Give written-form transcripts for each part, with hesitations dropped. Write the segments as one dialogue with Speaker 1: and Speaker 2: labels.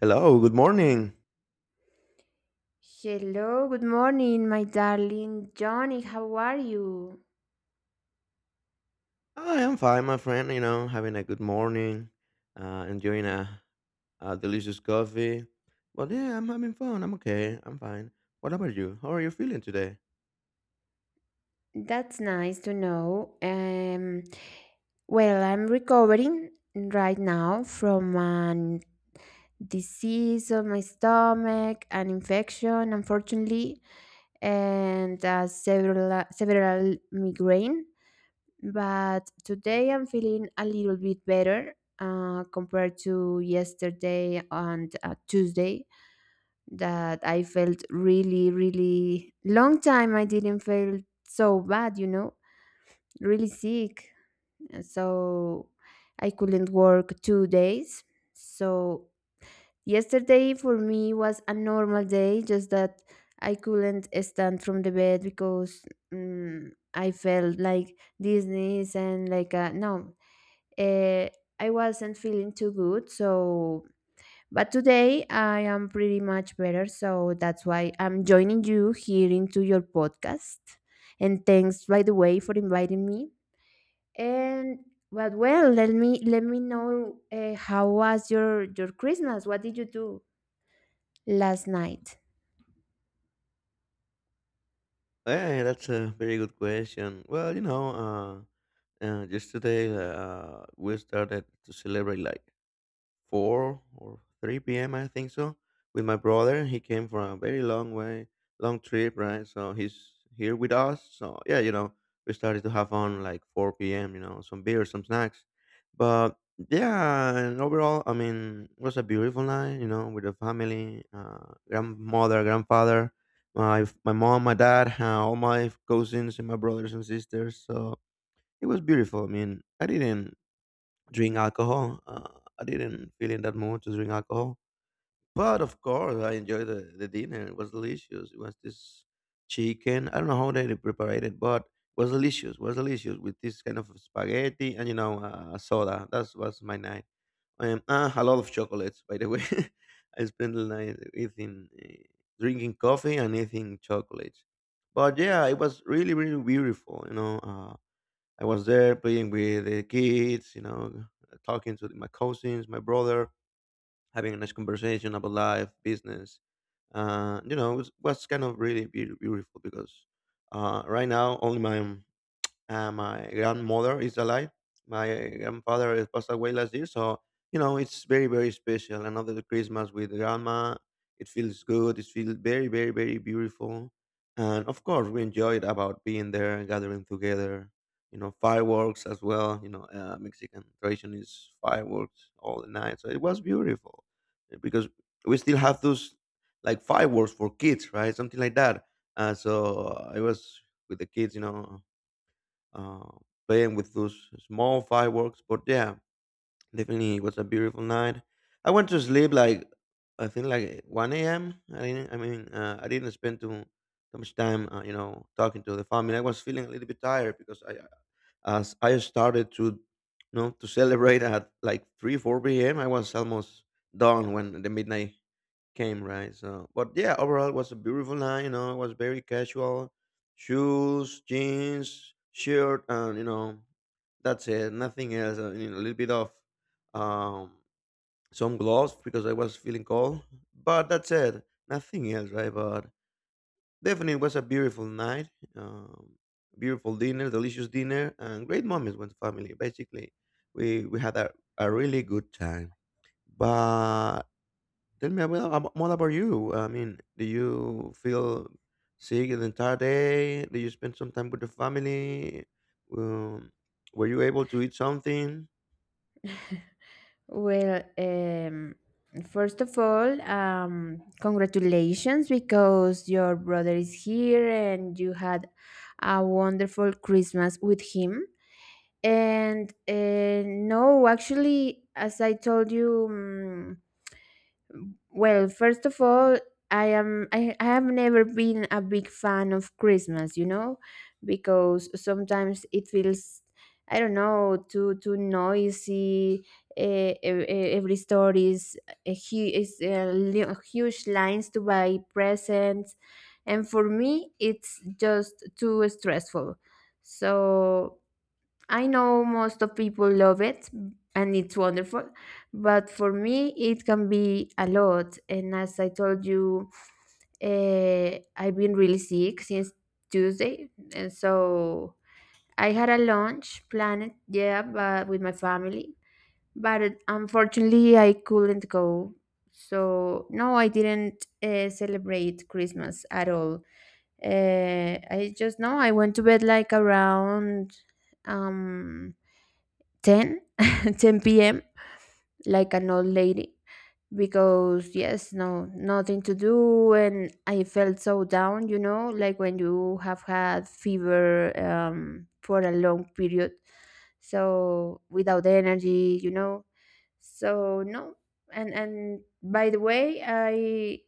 Speaker 1: Hello, good morning.
Speaker 2: Hello, good morning, my darling Johnny. How are you?
Speaker 1: I am fine, my friend. You know, having a good morning, enjoying a delicious coffee. But yeah, I'm having fun. I'm okay. I'm fine. What about you? How are you feeling today?
Speaker 2: That's nice to know. Well, I'm recovering right now from a disease of my stomach, an infection, unfortunately, and several several migraine. But today I'm feeling a little bit better compared to yesterday and Tuesday, that I felt really, really long time I didn't feel so bad, really sick. So I couldn't work 2 days. So yesterday for me was a normal day, just that I couldn't stand from the bed because mm I felt like this knees and like no, uh, I wasn't feeling too good. So but today I am pretty much better, so that's why I'm joining you here into your podcast. And thanks, by the way, for inviting me. And but well, let me know how was your Christmas? What did you do last night?
Speaker 1: Hey, that's a very good question. Well, yesterday we started to celebrate like 4 or 3 p.m. I think, so with my brother. He came from a very long way, long trip, right? So he's here with us. So yeah, you know, we started to have fun like 4 p.m. You know, some beer, some snacks, but yeah. And overall, I mean, it was a beautiful night. You know, with the family, grandmother, grandfather, my mom, my dad, all my cousins and my brothers and sisters. So it was beautiful. I mean, I didn't drink alcohol. I didn't feel in that mood to drink alcohol. But of course, I enjoyed the dinner. It was delicious. It was this chicken. I don't know how they prepared it, but it was delicious. It was delicious with this kind of spaghetti and, you know, soda. That was my night. A lot of chocolates, by the way. I spent the night eating, drinking coffee and eating chocolates. But yeah, it was really, really beautiful. I was there playing with the kids, you know, talking to my cousins, my brother, having a nice conversation about life, business. Was kind of really beautiful because right now only my grandmother is alive. My grandfather passed away last year, so you know it's very, very special. Another Christmas with grandma. It feels good. It feels very, very, very beautiful, and of course we enjoyed about being there and gathering together. You know, fireworks as well. You know, Mexican tradition is fireworks all the night, so it was beautiful because we still have those like fireworks for kids, right? Something like that. So I was with the kids, you know, uh, playing with those small fireworks. But yeah, definitely it was a beautiful night. I went to sleep like, I think, like one a.m. I didn't. I didn't spend too much time, you know, talking to the family. I was feeling a little bit tired because as I started to, you know, to celebrate at like 3 4 p.m. I was almost done when the midnight came, right? So but yeah, overall it was a beautiful night. You know, it was very casual: shoes, jeans, shirt, and you know, that's it, nothing else. You know, a little bit of um some gloves because I was feeling cold, but that's it, nothing else, right? But definitely it was a beautiful night. um Beautiful dinner, delicious dinner, and great moments with family. Basically, we had a really good time, but tell me about, more about you. I mean, do you feel sick the entire day? Do you spend some time with the family? Um, were you able to eat something?
Speaker 2: Well, first of all, congratulations because your brother is here and you had a wonderful Christmas with him. And no, actually, as I told you, well, first of all, I have never been a big fan of Christmas, because sometimes it feels I don't know too noisy. Every store is a hu- is li- huge lines to buy presents, and for me, it's just too stressful. So I know most of people love it, and it's wonderful, but for me, it can be a lot. And as I told you, I've been really sick since Tuesday, and so I had a lunch planned, yeah, but with my family, but unfortunately, I couldn't go. So no, I didn't celebrate Christmas at all. I just No, I went to bed like around um 10 10 p.m. like an old lady, because yes, no, nothing to do, and I felt so down, you know, like when you have had fever for a long period, so without energy, you know. So no. And by the way, i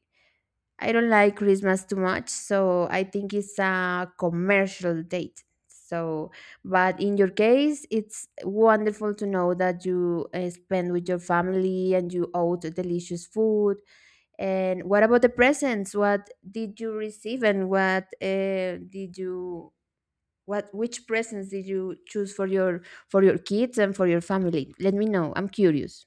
Speaker 2: I don't like Christmas too much, so I think it's a commercial date. So, but in your case, it's wonderful to know that you spend with your family and you ate delicious food. And what about the presents? What did you receive, and what did you what which presents did you choose for your kids and for your family? Let me know. I'm curious.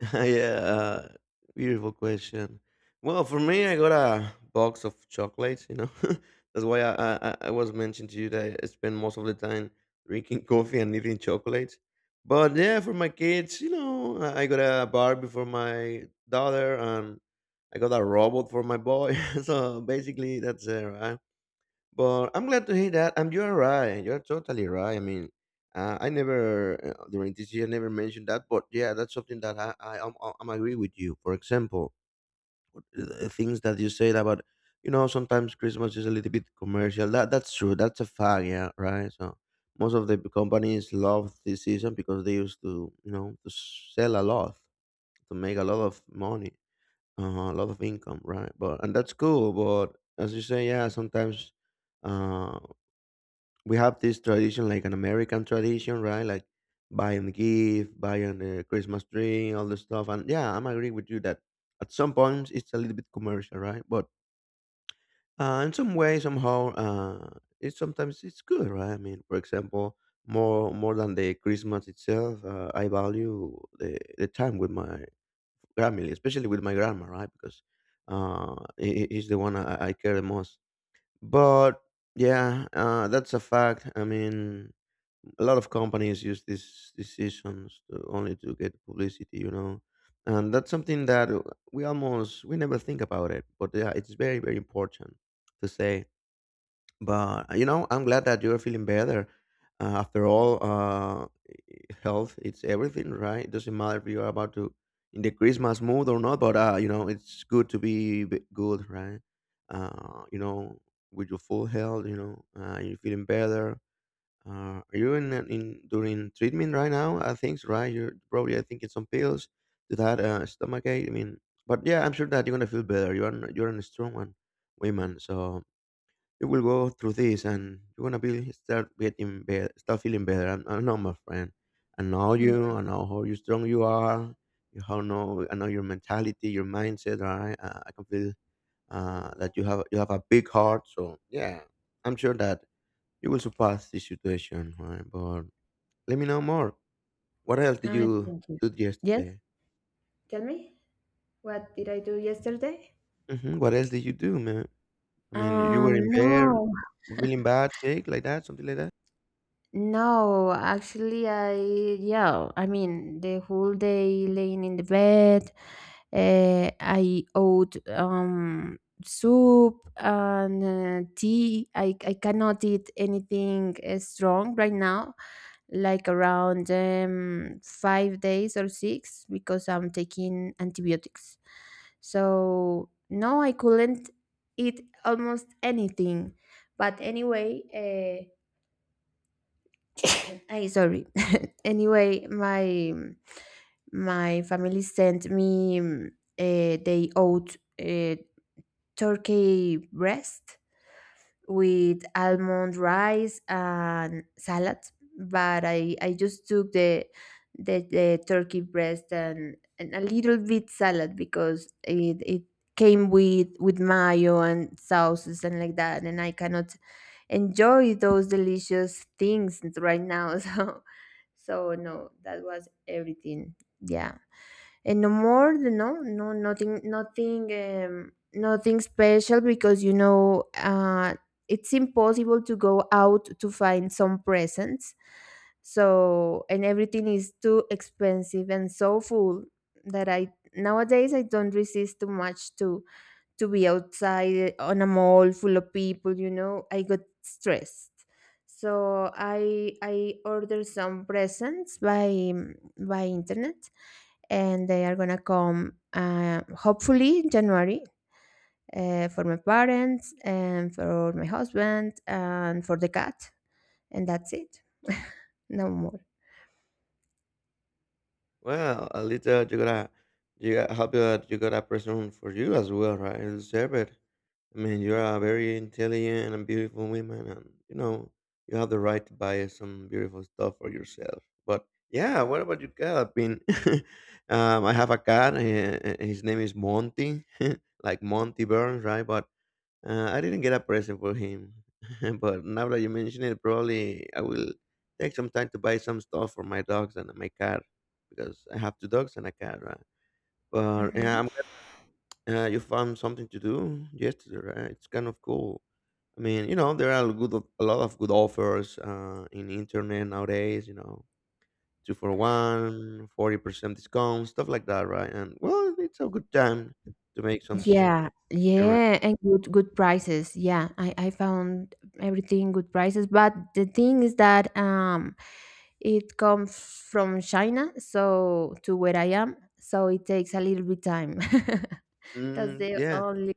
Speaker 1: Yeah, beautiful question. Well, for me, I got a box of chocolates. You know, that's why I was mentioning to you that I spend most of the time drinking coffee and eating chocolates. But yeah, for my kids, you know, I got a Barbie for my daughter, and I got a robot for my boy. So basically, that's it, right? But I'm glad to hear that. And you're right. You're totally right. I mean, I never during this year never mentioned that, but yeah, that's something that I am I'm agree with you. For example, the things that you said about, you know, sometimes Christmas is a little bit commercial. That's true. That's a fact. Yeah, right. So most of the companies love this season because they used to, you know, to sell a lot, to make a lot of money, a lot of income, right? But and that's cool. But as you say, yeah, sometimes. uh we have this tradition, like an American tradition, right? Like buying the gift, buying the Christmas tree, all the stuff. And yeah, I'm agreeing with you that at some points it's a little bit commercial, right? But in some way, somehow, it's sometimes it's good, right? I mean, for example, more than the Christmas itself, I value the time with my family, especially with my grandma, right? Because he's the one I care the most. But yeah, that's a fact. I mean, a lot of companies use these decisions to, only to get publicity, you know, and that's something that we never think about it, but yeah, it's very, very important to say. But you know, I'm glad that you're feeling better after all. Health, it's everything, right? It doesn't matter if you're about to in the christmas mood or not, but you know, it's good to be good, right? uh, you know with your full health, you know, you're feeling better. Are you in during treatment right now? I think so, right. You're probably, I think, it's some pills to that stomach ache. I mean, but yeah, I'm sure that you're gonna feel better. You're a strong one, woman. So you will go through this, and you're gonna be start getting better, start feeling better. I know, my friend. I know you.
Speaker 2: Hmm.
Speaker 1: I know how you strong you are. You how know, I know your mentality, your mindset, right? I can feel that you have a big heart. So yeah, I'm sure that you will surpass this situation, right? But let me know more. What else did
Speaker 2: I
Speaker 1: you
Speaker 2: thank you.
Speaker 1: do
Speaker 2: Yes.
Speaker 1: yesterday?
Speaker 2: Tell me, what did I do yesterday?
Speaker 1: Hmm. What else did you do, man? I mean, you were in bed,
Speaker 2: No,
Speaker 1: feeling bad sick, like that, something like that.
Speaker 2: no, actually, yeah, I mean, the whole day laying in the bed. I owed soup and tea. I cannot eat anything strong right now, like around 5 days or six, because I'm taking antibiotics. So, no, I couldn't eat almost anything. But anyway, uh, I sorry. Anyway, my family sent me. They owed turkey breast with almond rice and salad, but I just took the turkey breast and a little bit salad, because it came with mayo and sauces and like that, and I cannot enjoy those delicious things right now. So no, that was everything. Yeah, and no more. No, no, nothing, nothing special, because it's impossible to go out to find some presents. So and everything is too expensive and so full that I nowadays I don't resist too much to be outside, on a mall full of people, I got stressed. So I order some presents by internet, and they are gonna come hopefully in January, for my parents and for my husband and for the cat, and that's it, no more.
Speaker 1: Well, at least that you got happy that you got a person for you as well, right? You deserve it. I mean, you're a very intelligent and beautiful woman, and you know you have the right to buy some beautiful stuff for yourself. But yeah, what about your cat? I mean, I have a cat. His name is Monty, like Monty Burns, right? But I didn't get a present for him, but now that you mention it, probably I will take some time to buy some stuff for my dogs and my cat because I have two dogs and a cat, right? But yeah,
Speaker 2: Hmm.
Speaker 1: I'm glad, you found something to do yesterday, right? It's kind of cool. I mean, you know, there are good a lot of good offers in internet nowadays. You know, two for one, 40% discount, stuff like that, right? And well, it's a good time to make some.
Speaker 2: Yeah,
Speaker 1: Right.
Speaker 2: yeah, and good prices. Yeah, I found everything good prices, but the thing is that it comes from China, so to where I am, so it takes a little bit time. That's
Speaker 1: Mm,
Speaker 2: the
Speaker 1: yeah.
Speaker 2: only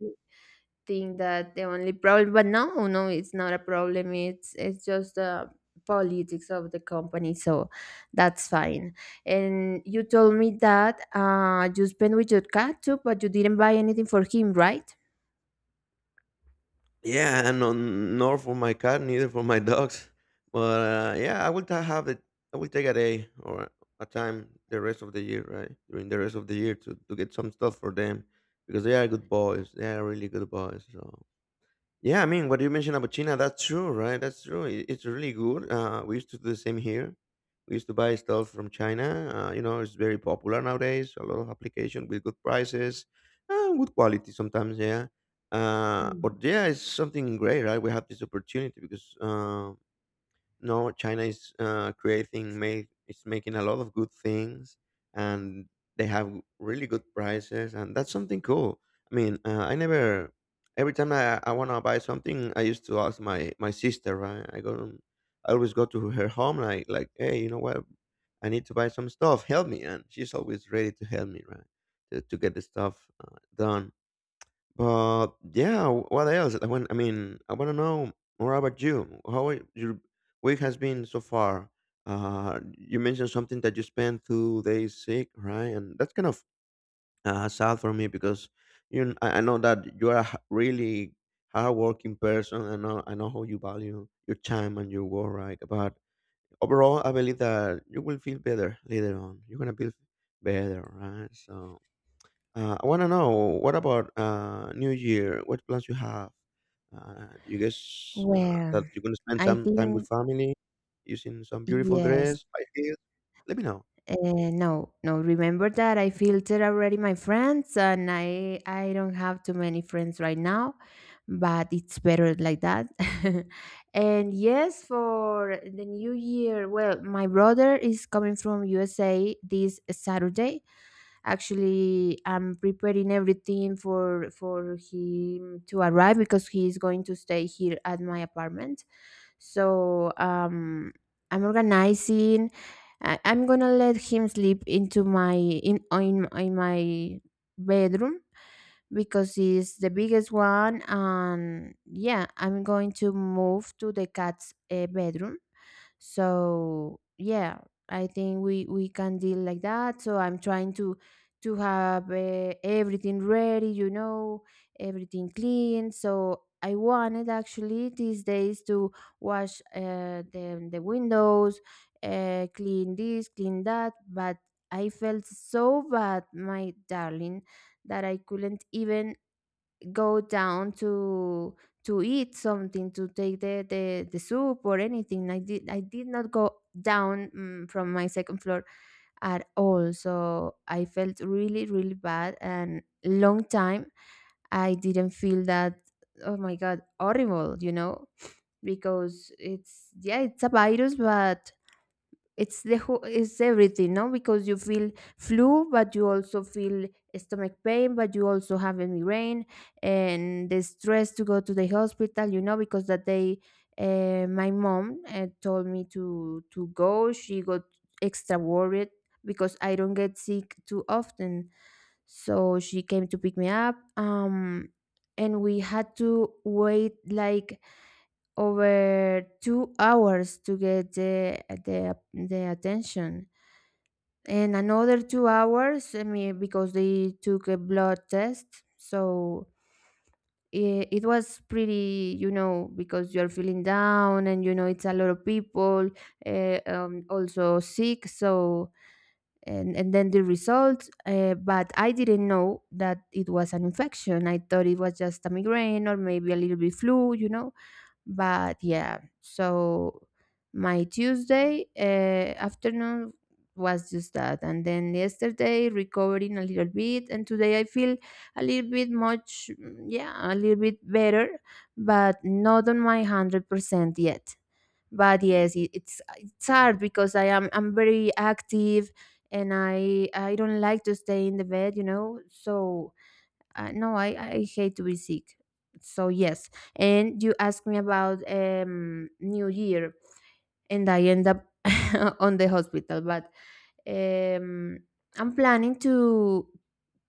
Speaker 2: problem. But no, it's not a problem, it's just the politics of the company, so that's fine. And you told me that you spent with your cat too, but you didn't buy anything for him, right?
Speaker 1: Nor for my cat, neither for my dogs. But yeah, have it. I will take a day or a time the rest of the year, right? During the rest of the year to get some stuff for them because they are good boys. They are really good boys. So yeah, I mean, what you mentioned about China, that's true, right? That's true. It's really good. We used to do the same here. We used to buy stuff from China. You know, it's very popular nowadays. A lot of application with good prices, good quality sometimes. Yeah,
Speaker 2: Hmm.
Speaker 1: but yeah, it's something great, right? We have this opportunity because no, China is it's making a lot of good things, and they have really good prices, and that's something cool. I mean, I never, every time I want to buy something, I used to ask my sister, right? I go, I always go to her home, like, hey, you know what? I need to buy some stuff. Help me, and she's always ready to help me, right? To get the stuff done. But yeah, what else? I mean, I want to know more about you. How are- your week has been so far? You mentioned something that you spent 2 days sick, right? And that's kind of sad for me because you, kn- I know that you are a really hardworking person. I know how you value your time and your work, right? But overall, I believe that you will feel better later on. You're gonna feel better, right? So I want to know, what about New Year? What plans you have? Do you guess
Speaker 2: Well,
Speaker 1: that you're gonna spend
Speaker 2: I
Speaker 1: some time
Speaker 2: think,
Speaker 1: with family, using some beautiful
Speaker 2: yes.
Speaker 1: dress, buy gifts? Let me know.
Speaker 2: No, no. Remember that I filtered already my friends, and I don't have too many friends right now, but it's better like that. And yes, for the new year, well, my brother is coming from USA this Saturday. Actually, I'm preparing everything for him to arrive, because he is going to stay here at my apartment, so I'm organizing. I'm gonna let him sleep into my in my bedroom, because it's the biggest one. And yeah, I'm going to move to the cat's bedroom. So yeah, I think we can deal like that. So I'm trying to have everything ready, everything clean. So I wanted actually these days to wash the windows, clean this, clean that, but I felt so bad, my darling, that I couldn't even go down to eat something, to take the soup or anything. I did not go down, from my second floor at all. So I felt really really bad, and long time I didn't feel that. Oh my god, horrible, you know, because it's, yeah, it's a virus. But it's the whole it's everything. No, because you feel flu, but you also feel stomach pain, but you also have a migraine. And the stress to go to the hospital, because that day my mom told me to go. She got extra worried because I don't get sick too often, so she came to pick me up, and we had to wait like over 2 hours to get the attention, and another 2 hours, I mean, because they took a blood test. So it was pretty, you know, because you're feeling down, and you know it's a lot of people also sick. So and then the results, but I didn't know that it was an infection. I thought it was just a migraine or maybe a little bit flu, but yeah. So my Tuesday afternoon was just that. And then yesterday, recovering a little bit. And today, I feel a little bit much, mm, yeah, a little bit better, but not on my 100% yet. But yes, it's hard, because I'm very active, and I don't like to stay in the bed, you know. So no, I hate to be sick. So yes, and you asked me about New Year, and I end up on the hospital. But um, I'm planning to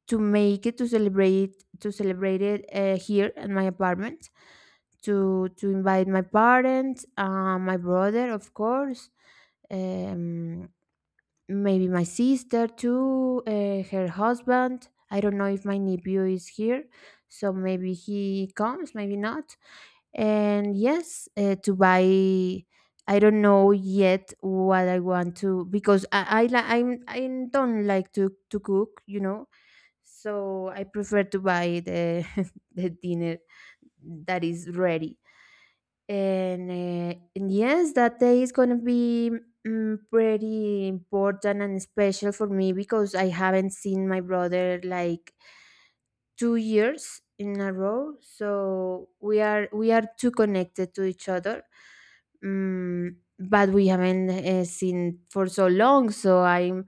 Speaker 2: to make it to celebrate it here at my apartment, to invite my parents, my brother, of course, um, maybe my sister too, her husband. I don't know if my nephew is here, so maybe he comes, maybe not. And yes, to buy. I don't know yet what I want to, because I don't like to cook, you know. So I prefer to buy the the dinner that is ready. And yes, that day is going to be pretty important and special for me, because I haven't seen my brother like 2 years in a row. So we are too connected to each other, but we haven't seen for so long. So I'm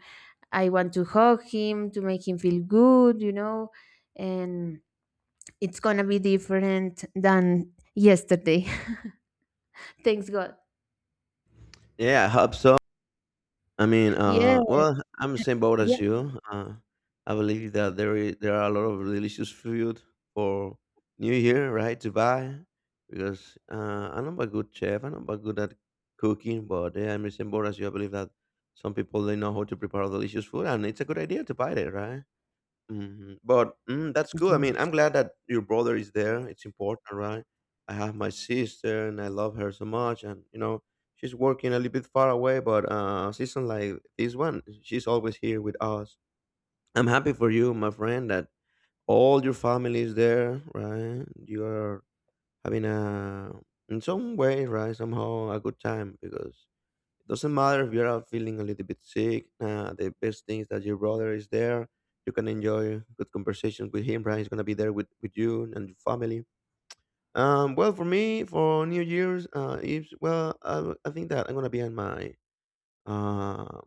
Speaker 2: I want to hug him to make him feel good, and it's gonna be different than yesterday. Thanks God.
Speaker 1: Yeah, I hope so. I mean,
Speaker 2: Yeah.
Speaker 1: well, I'm the same boat as you. I believe that there are a lot of delicious food for New Year, right? To buy because I'm not a good chef. I'm not a good at cooking, but yeah, I'm the same boat as you. I believe that some people they know how to prepare delicious food, and it's a good idea to buy it, right? Mhm, but, mm, that's good. I mean, I'm
Speaker 2: Yes.
Speaker 1: glad that your brother is there, it's important, right? I have my sister, and I love her so much, and, you know, she's working a little bit far away, but, season like this one, she's always here with us. I'm happy for you, my friend, that all your family is there, right? You are having a in some way, right, somehow, a good time because doesn't matter if you're feeling a little bit sick. The best thing is that your brother is there. You can enjoy good conversations with him. Right, he's gonna be there with you and your family. Well, for me, for New Year's, it's well, I think that I'm gonna be at my uh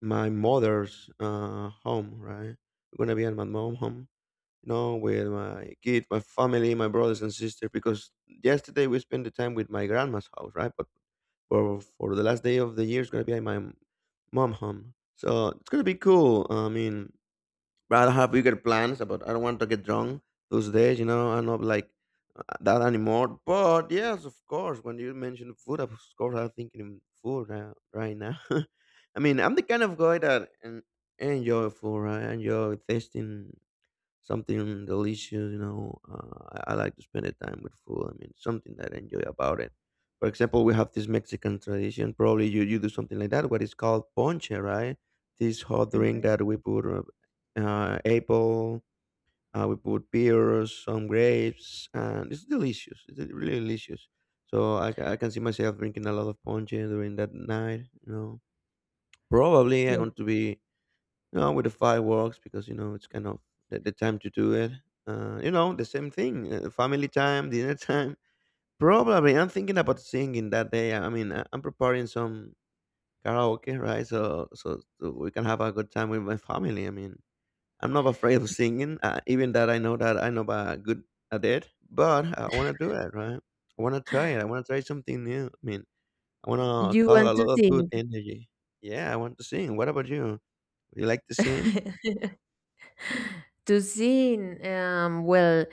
Speaker 1: my mother's home. Right, I'm gonna be at my mom home, you know, with my kid, my family, my brothers and sisters, because yesterday we spent the time with my grandma's house, right? But for the last day of the year, it's gonna be at my mom home, so it's gonna be cool. I mean, but I don't have bigger plans about. I don't want to get drunk those days, you know. I'm not like that anymore. But yes, of course, when you mentioned food, of course, I'm thinking in food right now. I mean, I'm the kind of guy that enjoy food. I enjoy tasting something delicious. You know, I like to spend the time with food. I mean, something that I enjoy about it. For example, we have this Mexican tradition. Probably you do something like that. What is called ponche, right? This hot drink
Speaker 2: Mhm.
Speaker 1: that we put apple. We put pears, some grapes, and it's delicious. It's really delicious. So I can see myself drinking a lot of ponche during that night. You know, probably I'm
Speaker 2: Yeah.
Speaker 1: going to be no, with the fireworks because you know it's kind of the time to do it. You know, the same thing, family time, dinner time. Probably, I'm thinking about singing that day. I mean, I'm preparing some karaoke, right? So we can have a good time with my family. I mean, I'm not afraid of singing, even that I know about good at it. But I want to do it, right? I want to try it. I want to try something new. I mean, I want to
Speaker 2: You
Speaker 1: call a
Speaker 2: want to
Speaker 1: lot of good
Speaker 2: sing?
Speaker 1: energy. Yeah, I want to sing. What about you? You like to sing?
Speaker 2: To sing, well,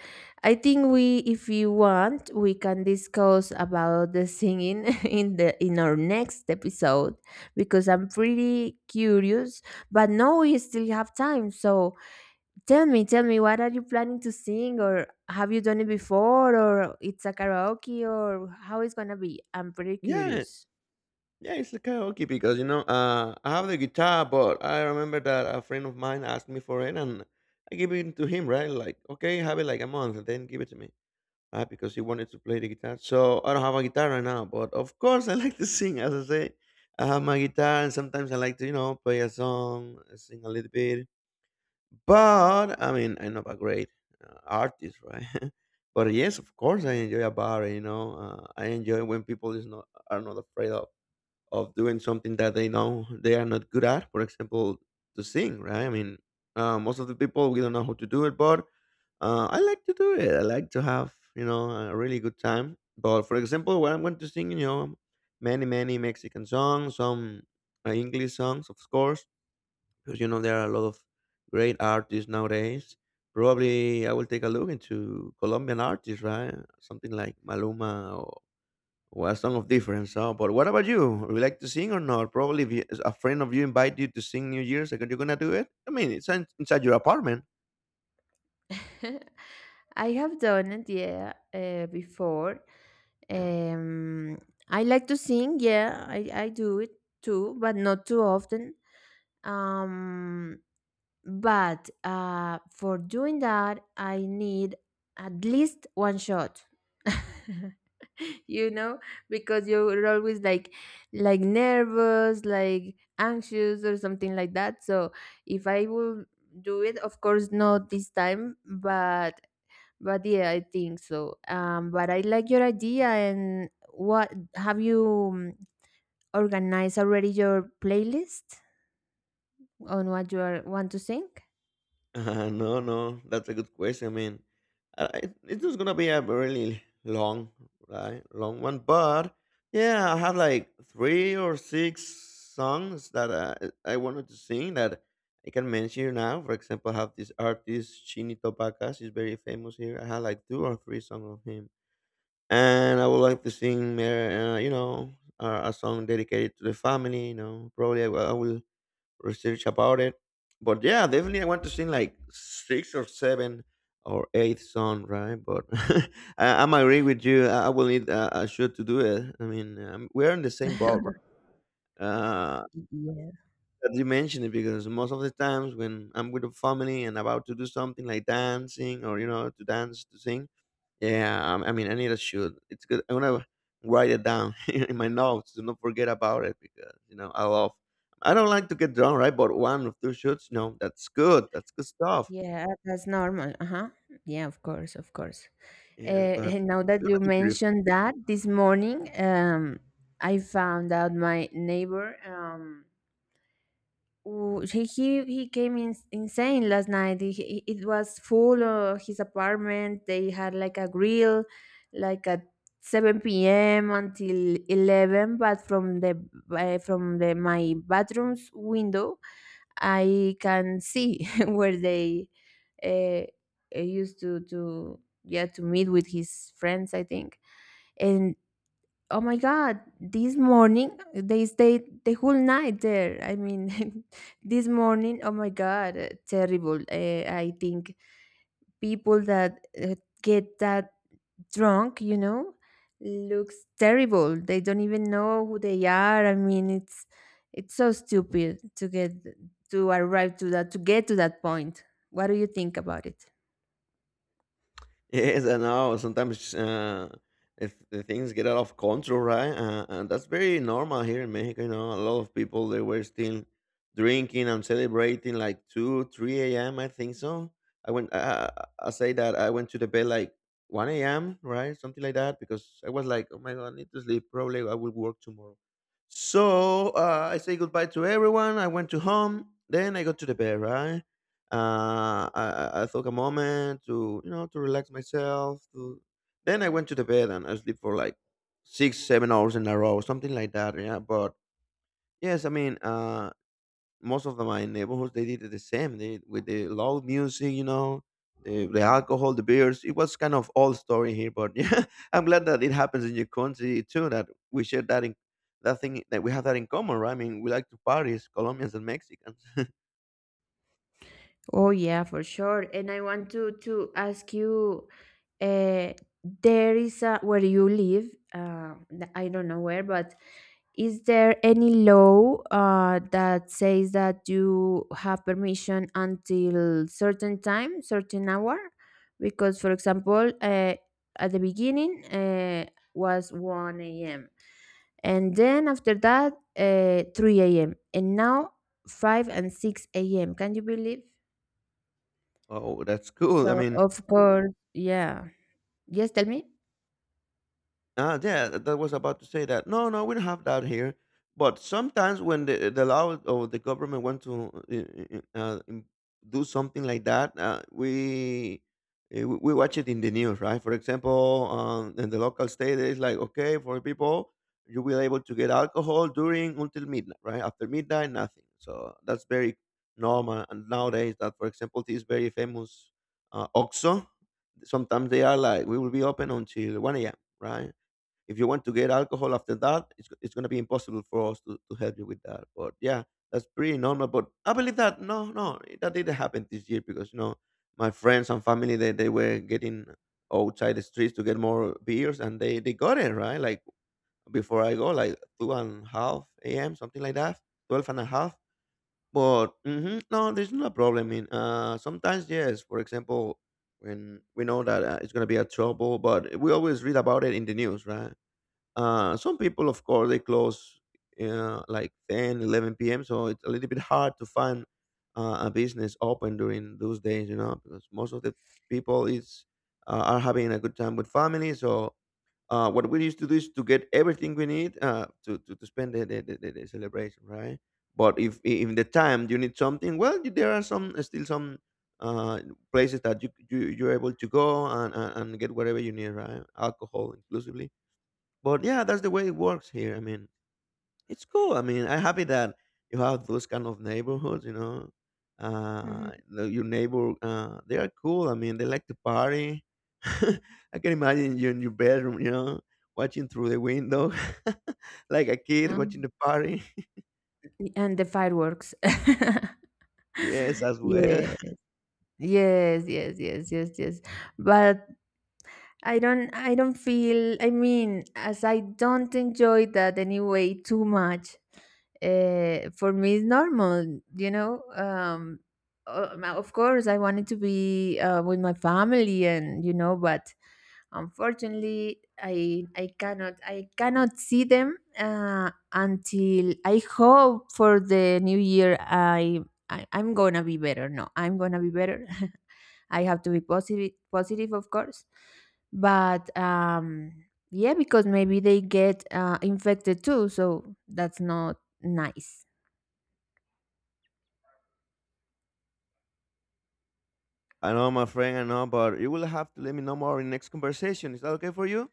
Speaker 2: I think we, if you want, we can discuss about the singing in the in our next episode, because I'm pretty curious. But now we still have time, so tell me, what are you planning to sing, or have you done it before, or it's a karaoke, or how it's gonna be? I'm pretty
Speaker 1: Yeah,
Speaker 2: curious.
Speaker 1: yeah, it's a karaoke because you know I have the guitar, but I remember that a friend of mine asked me for it, and I gave it to him. Right, like okay, have it like a month, and then give it to me. Right, because he wanted to play the guitar. So I don't have a guitar right now, but of course I like to sing. As I say, I have my guitar, and sometimes I like to you know play a song, sing a little bit. But I mean, I'm not a great artist, right? But yes, of course I enjoy a bar. You know, I enjoy when people is not are not afraid of doing something that they know they are not good at. For example, to sing, right? I mean, most of the people we don't know how to do it, but I like to do it. I like to have you know a really good time. But for example, when I'm going to sing, you know, many Mexican songs, some English songs, of course, because you know there are a lot of great artists nowadays. Probably I will take a look into Colombian artists, right? Something like Maluma, well, song of difference. So, but what about you? Would you like to sing or not? Probably, if you, a friend of you invite you to sing New Year's, like, are you gonna do it? I mean, it's inside your apartment.
Speaker 2: I have done it, yeah, before. Um, I like to sing, yeah, I do it too, but not too often. Um, But for doing that, I need at least one shot. You know, because you're always like, nervous, like anxious or something like that. So if I will do it, of course, not this time, but yeah, I think so. But I like your idea. And what have you organized already your playlist on what you are want to sing?
Speaker 1: No, no, that's a good question. I mean, it's just gonna be a really long, right, long one. But yeah, I have like 3 or 6 songs that I wanted to sing that I can mention here now. For example, I have this artist Chini Topaka. He's very famous here. I have like 2 or 3 songs of him, and I would like to sing, you know, a song dedicated to the family. You know, probably I will research about it. But yeah, definitely I want to sing like 6 or 7 or 8 song, right? But I'm agree with you. I will need a shoot to do it. I mean, we're in the same boat. Right? Uh, that you mentioned it because most of the times when I'm with the family and about to do something like dancing or you know to dance to sing, yeah, I mean, I need a shoot. It's good. I'm gonna write it down in my notes to not forget about it because you know I love. I don't like to get drunk, right? But one or two shoots, no, that's good. That's good stuff.
Speaker 2: Yeah, that's normal. Uh-huh. Yeah, of course, of course.
Speaker 1: Yes, but
Speaker 2: And now that
Speaker 1: you're
Speaker 2: you
Speaker 1: gonna be.
Speaker 2: mentioned that, this morning, I found out my neighbor. Oh, he came in, insane last night. It was full of his apartment. They had like a grill, like at 7 p.m. until 11. But from the my bathroom's window, I can see where they uh, used to, yeah, to meet with his friends, I think. And oh my god, this morning they stayed the whole night there. I mean, this morning, oh my god, terrible. I think people that get that drunk, looks terrible. They don't even know who they are. I mean, it's so stupid to get to that point. What do you think about it?
Speaker 1: Yes, I know. Sometimes if the things get out of control, right? And that's very normal here in Mexico. You know, a lot of people they were still drinking and celebrating like 2, 3 a.m. I think so. I went. I say that I went to the bed like 1 a.m. Right, something like that, because I was like, oh my god, I need to sleep. Probably I will work tomorrow. So I say goodbye to everyone. I went to home. Then I got to the bed, right? I took a moment to you know to relax myself. To then I went to the bed and I sleep for like 6, 7 hours in a row, something like that. Yeah, but yes, I mean, most of my neighborhoods they did the same. They with the loud music, you know, the alcohol, the beers. It was kind of old story here, but yeah, I'm glad that it happens in your country too. That we share that in that thing that we have that in common, right? I mean, we like to parties, Colombians and Mexicans.
Speaker 2: Oh yeah, for sure. And I want to ask you, uh, there is a where you live. I don't know where, but is there any law that says that you have permission until certain time, certain hour? Because, for example, at the beginning, was 1 a.m., and then after that, 3 a.m., and now five and 6 a.m. Can you believe?
Speaker 1: Oh, that's cool. I
Speaker 2: So,
Speaker 1: mean,
Speaker 2: of course, yeah. Yes, tell me?
Speaker 1: ah, yeah, that was about to say that. No, no, we don't have that here. But sometimes when the law or the government want to do something like that, we we watch it in the news, right? For example, in the local state, it's like okay for people, you will able to get alcohol during until midnight, right? After midnight, nothing. So that's very normal and nowadays. That for example, this very famous OXXO. Sometimes they are like we will be open until 1 a.m. Right? If you want to get alcohol after that, it's going to be impossible for us to help you with that. But yeah, that's pretty normal. But I believe that no, no, that didn't happen this year because you know my friends and family they were getting outside the streets to get more beers and they got it right like before I go like two and a half a.m. something like that, twelve and a half. But hmm no, there's no problem. In sometimes yes, for example, when we know that it's gonna be a trouble, but we always read about it in the news, right? Some people, of course, they close like 10, 11 p.m. So it's a little bit hard to find a business open during those days, you know, because most of the people is are having a good time with family. So what we used to do is to get everything we need to spend the celebration, right? But if in the time you need something, well, there are some still some uh, places that you're able to go and get whatever you need, right? Alcohol inclusively. But yeah, that's the way it works here. I mean, it's cool. I mean, I'm happy that you have those kind of neighborhoods. You know,
Speaker 2: Mhm.
Speaker 1: your neighbor, they are cool. I mean, they like to party. I can imagine you in your bedroom, you know, watching through the window, like a kid watching
Speaker 2: Um,
Speaker 1: the party.
Speaker 2: and the fireworks.
Speaker 1: Yes, as well.
Speaker 2: Yes, yes, yes, yes, yes, yes. But I don't feel, I mean, as I don't enjoy that anyway too much, for me it's normal, you know. Of course, I wanted to be with my family, and, but unfortunately, I cannot see them until, I hope, for the new year. I'm gonna be better. No, I'm gonna be better. I have to be positive, positive, of course. But yeah, because maybe they get infected too, so that's not nice.
Speaker 1: I know, my friend. I know, but you will have to let me know more in next conversation. Is that okay for you?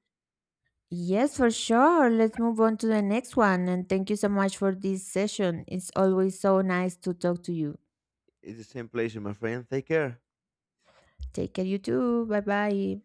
Speaker 2: Yes, for sure. Let's move on to the next one. And thank you so much for this session. It's always so nice to talk to you.
Speaker 1: It's the same pleasure, my friend. Take care.
Speaker 2: Take care, you too. Bye bye.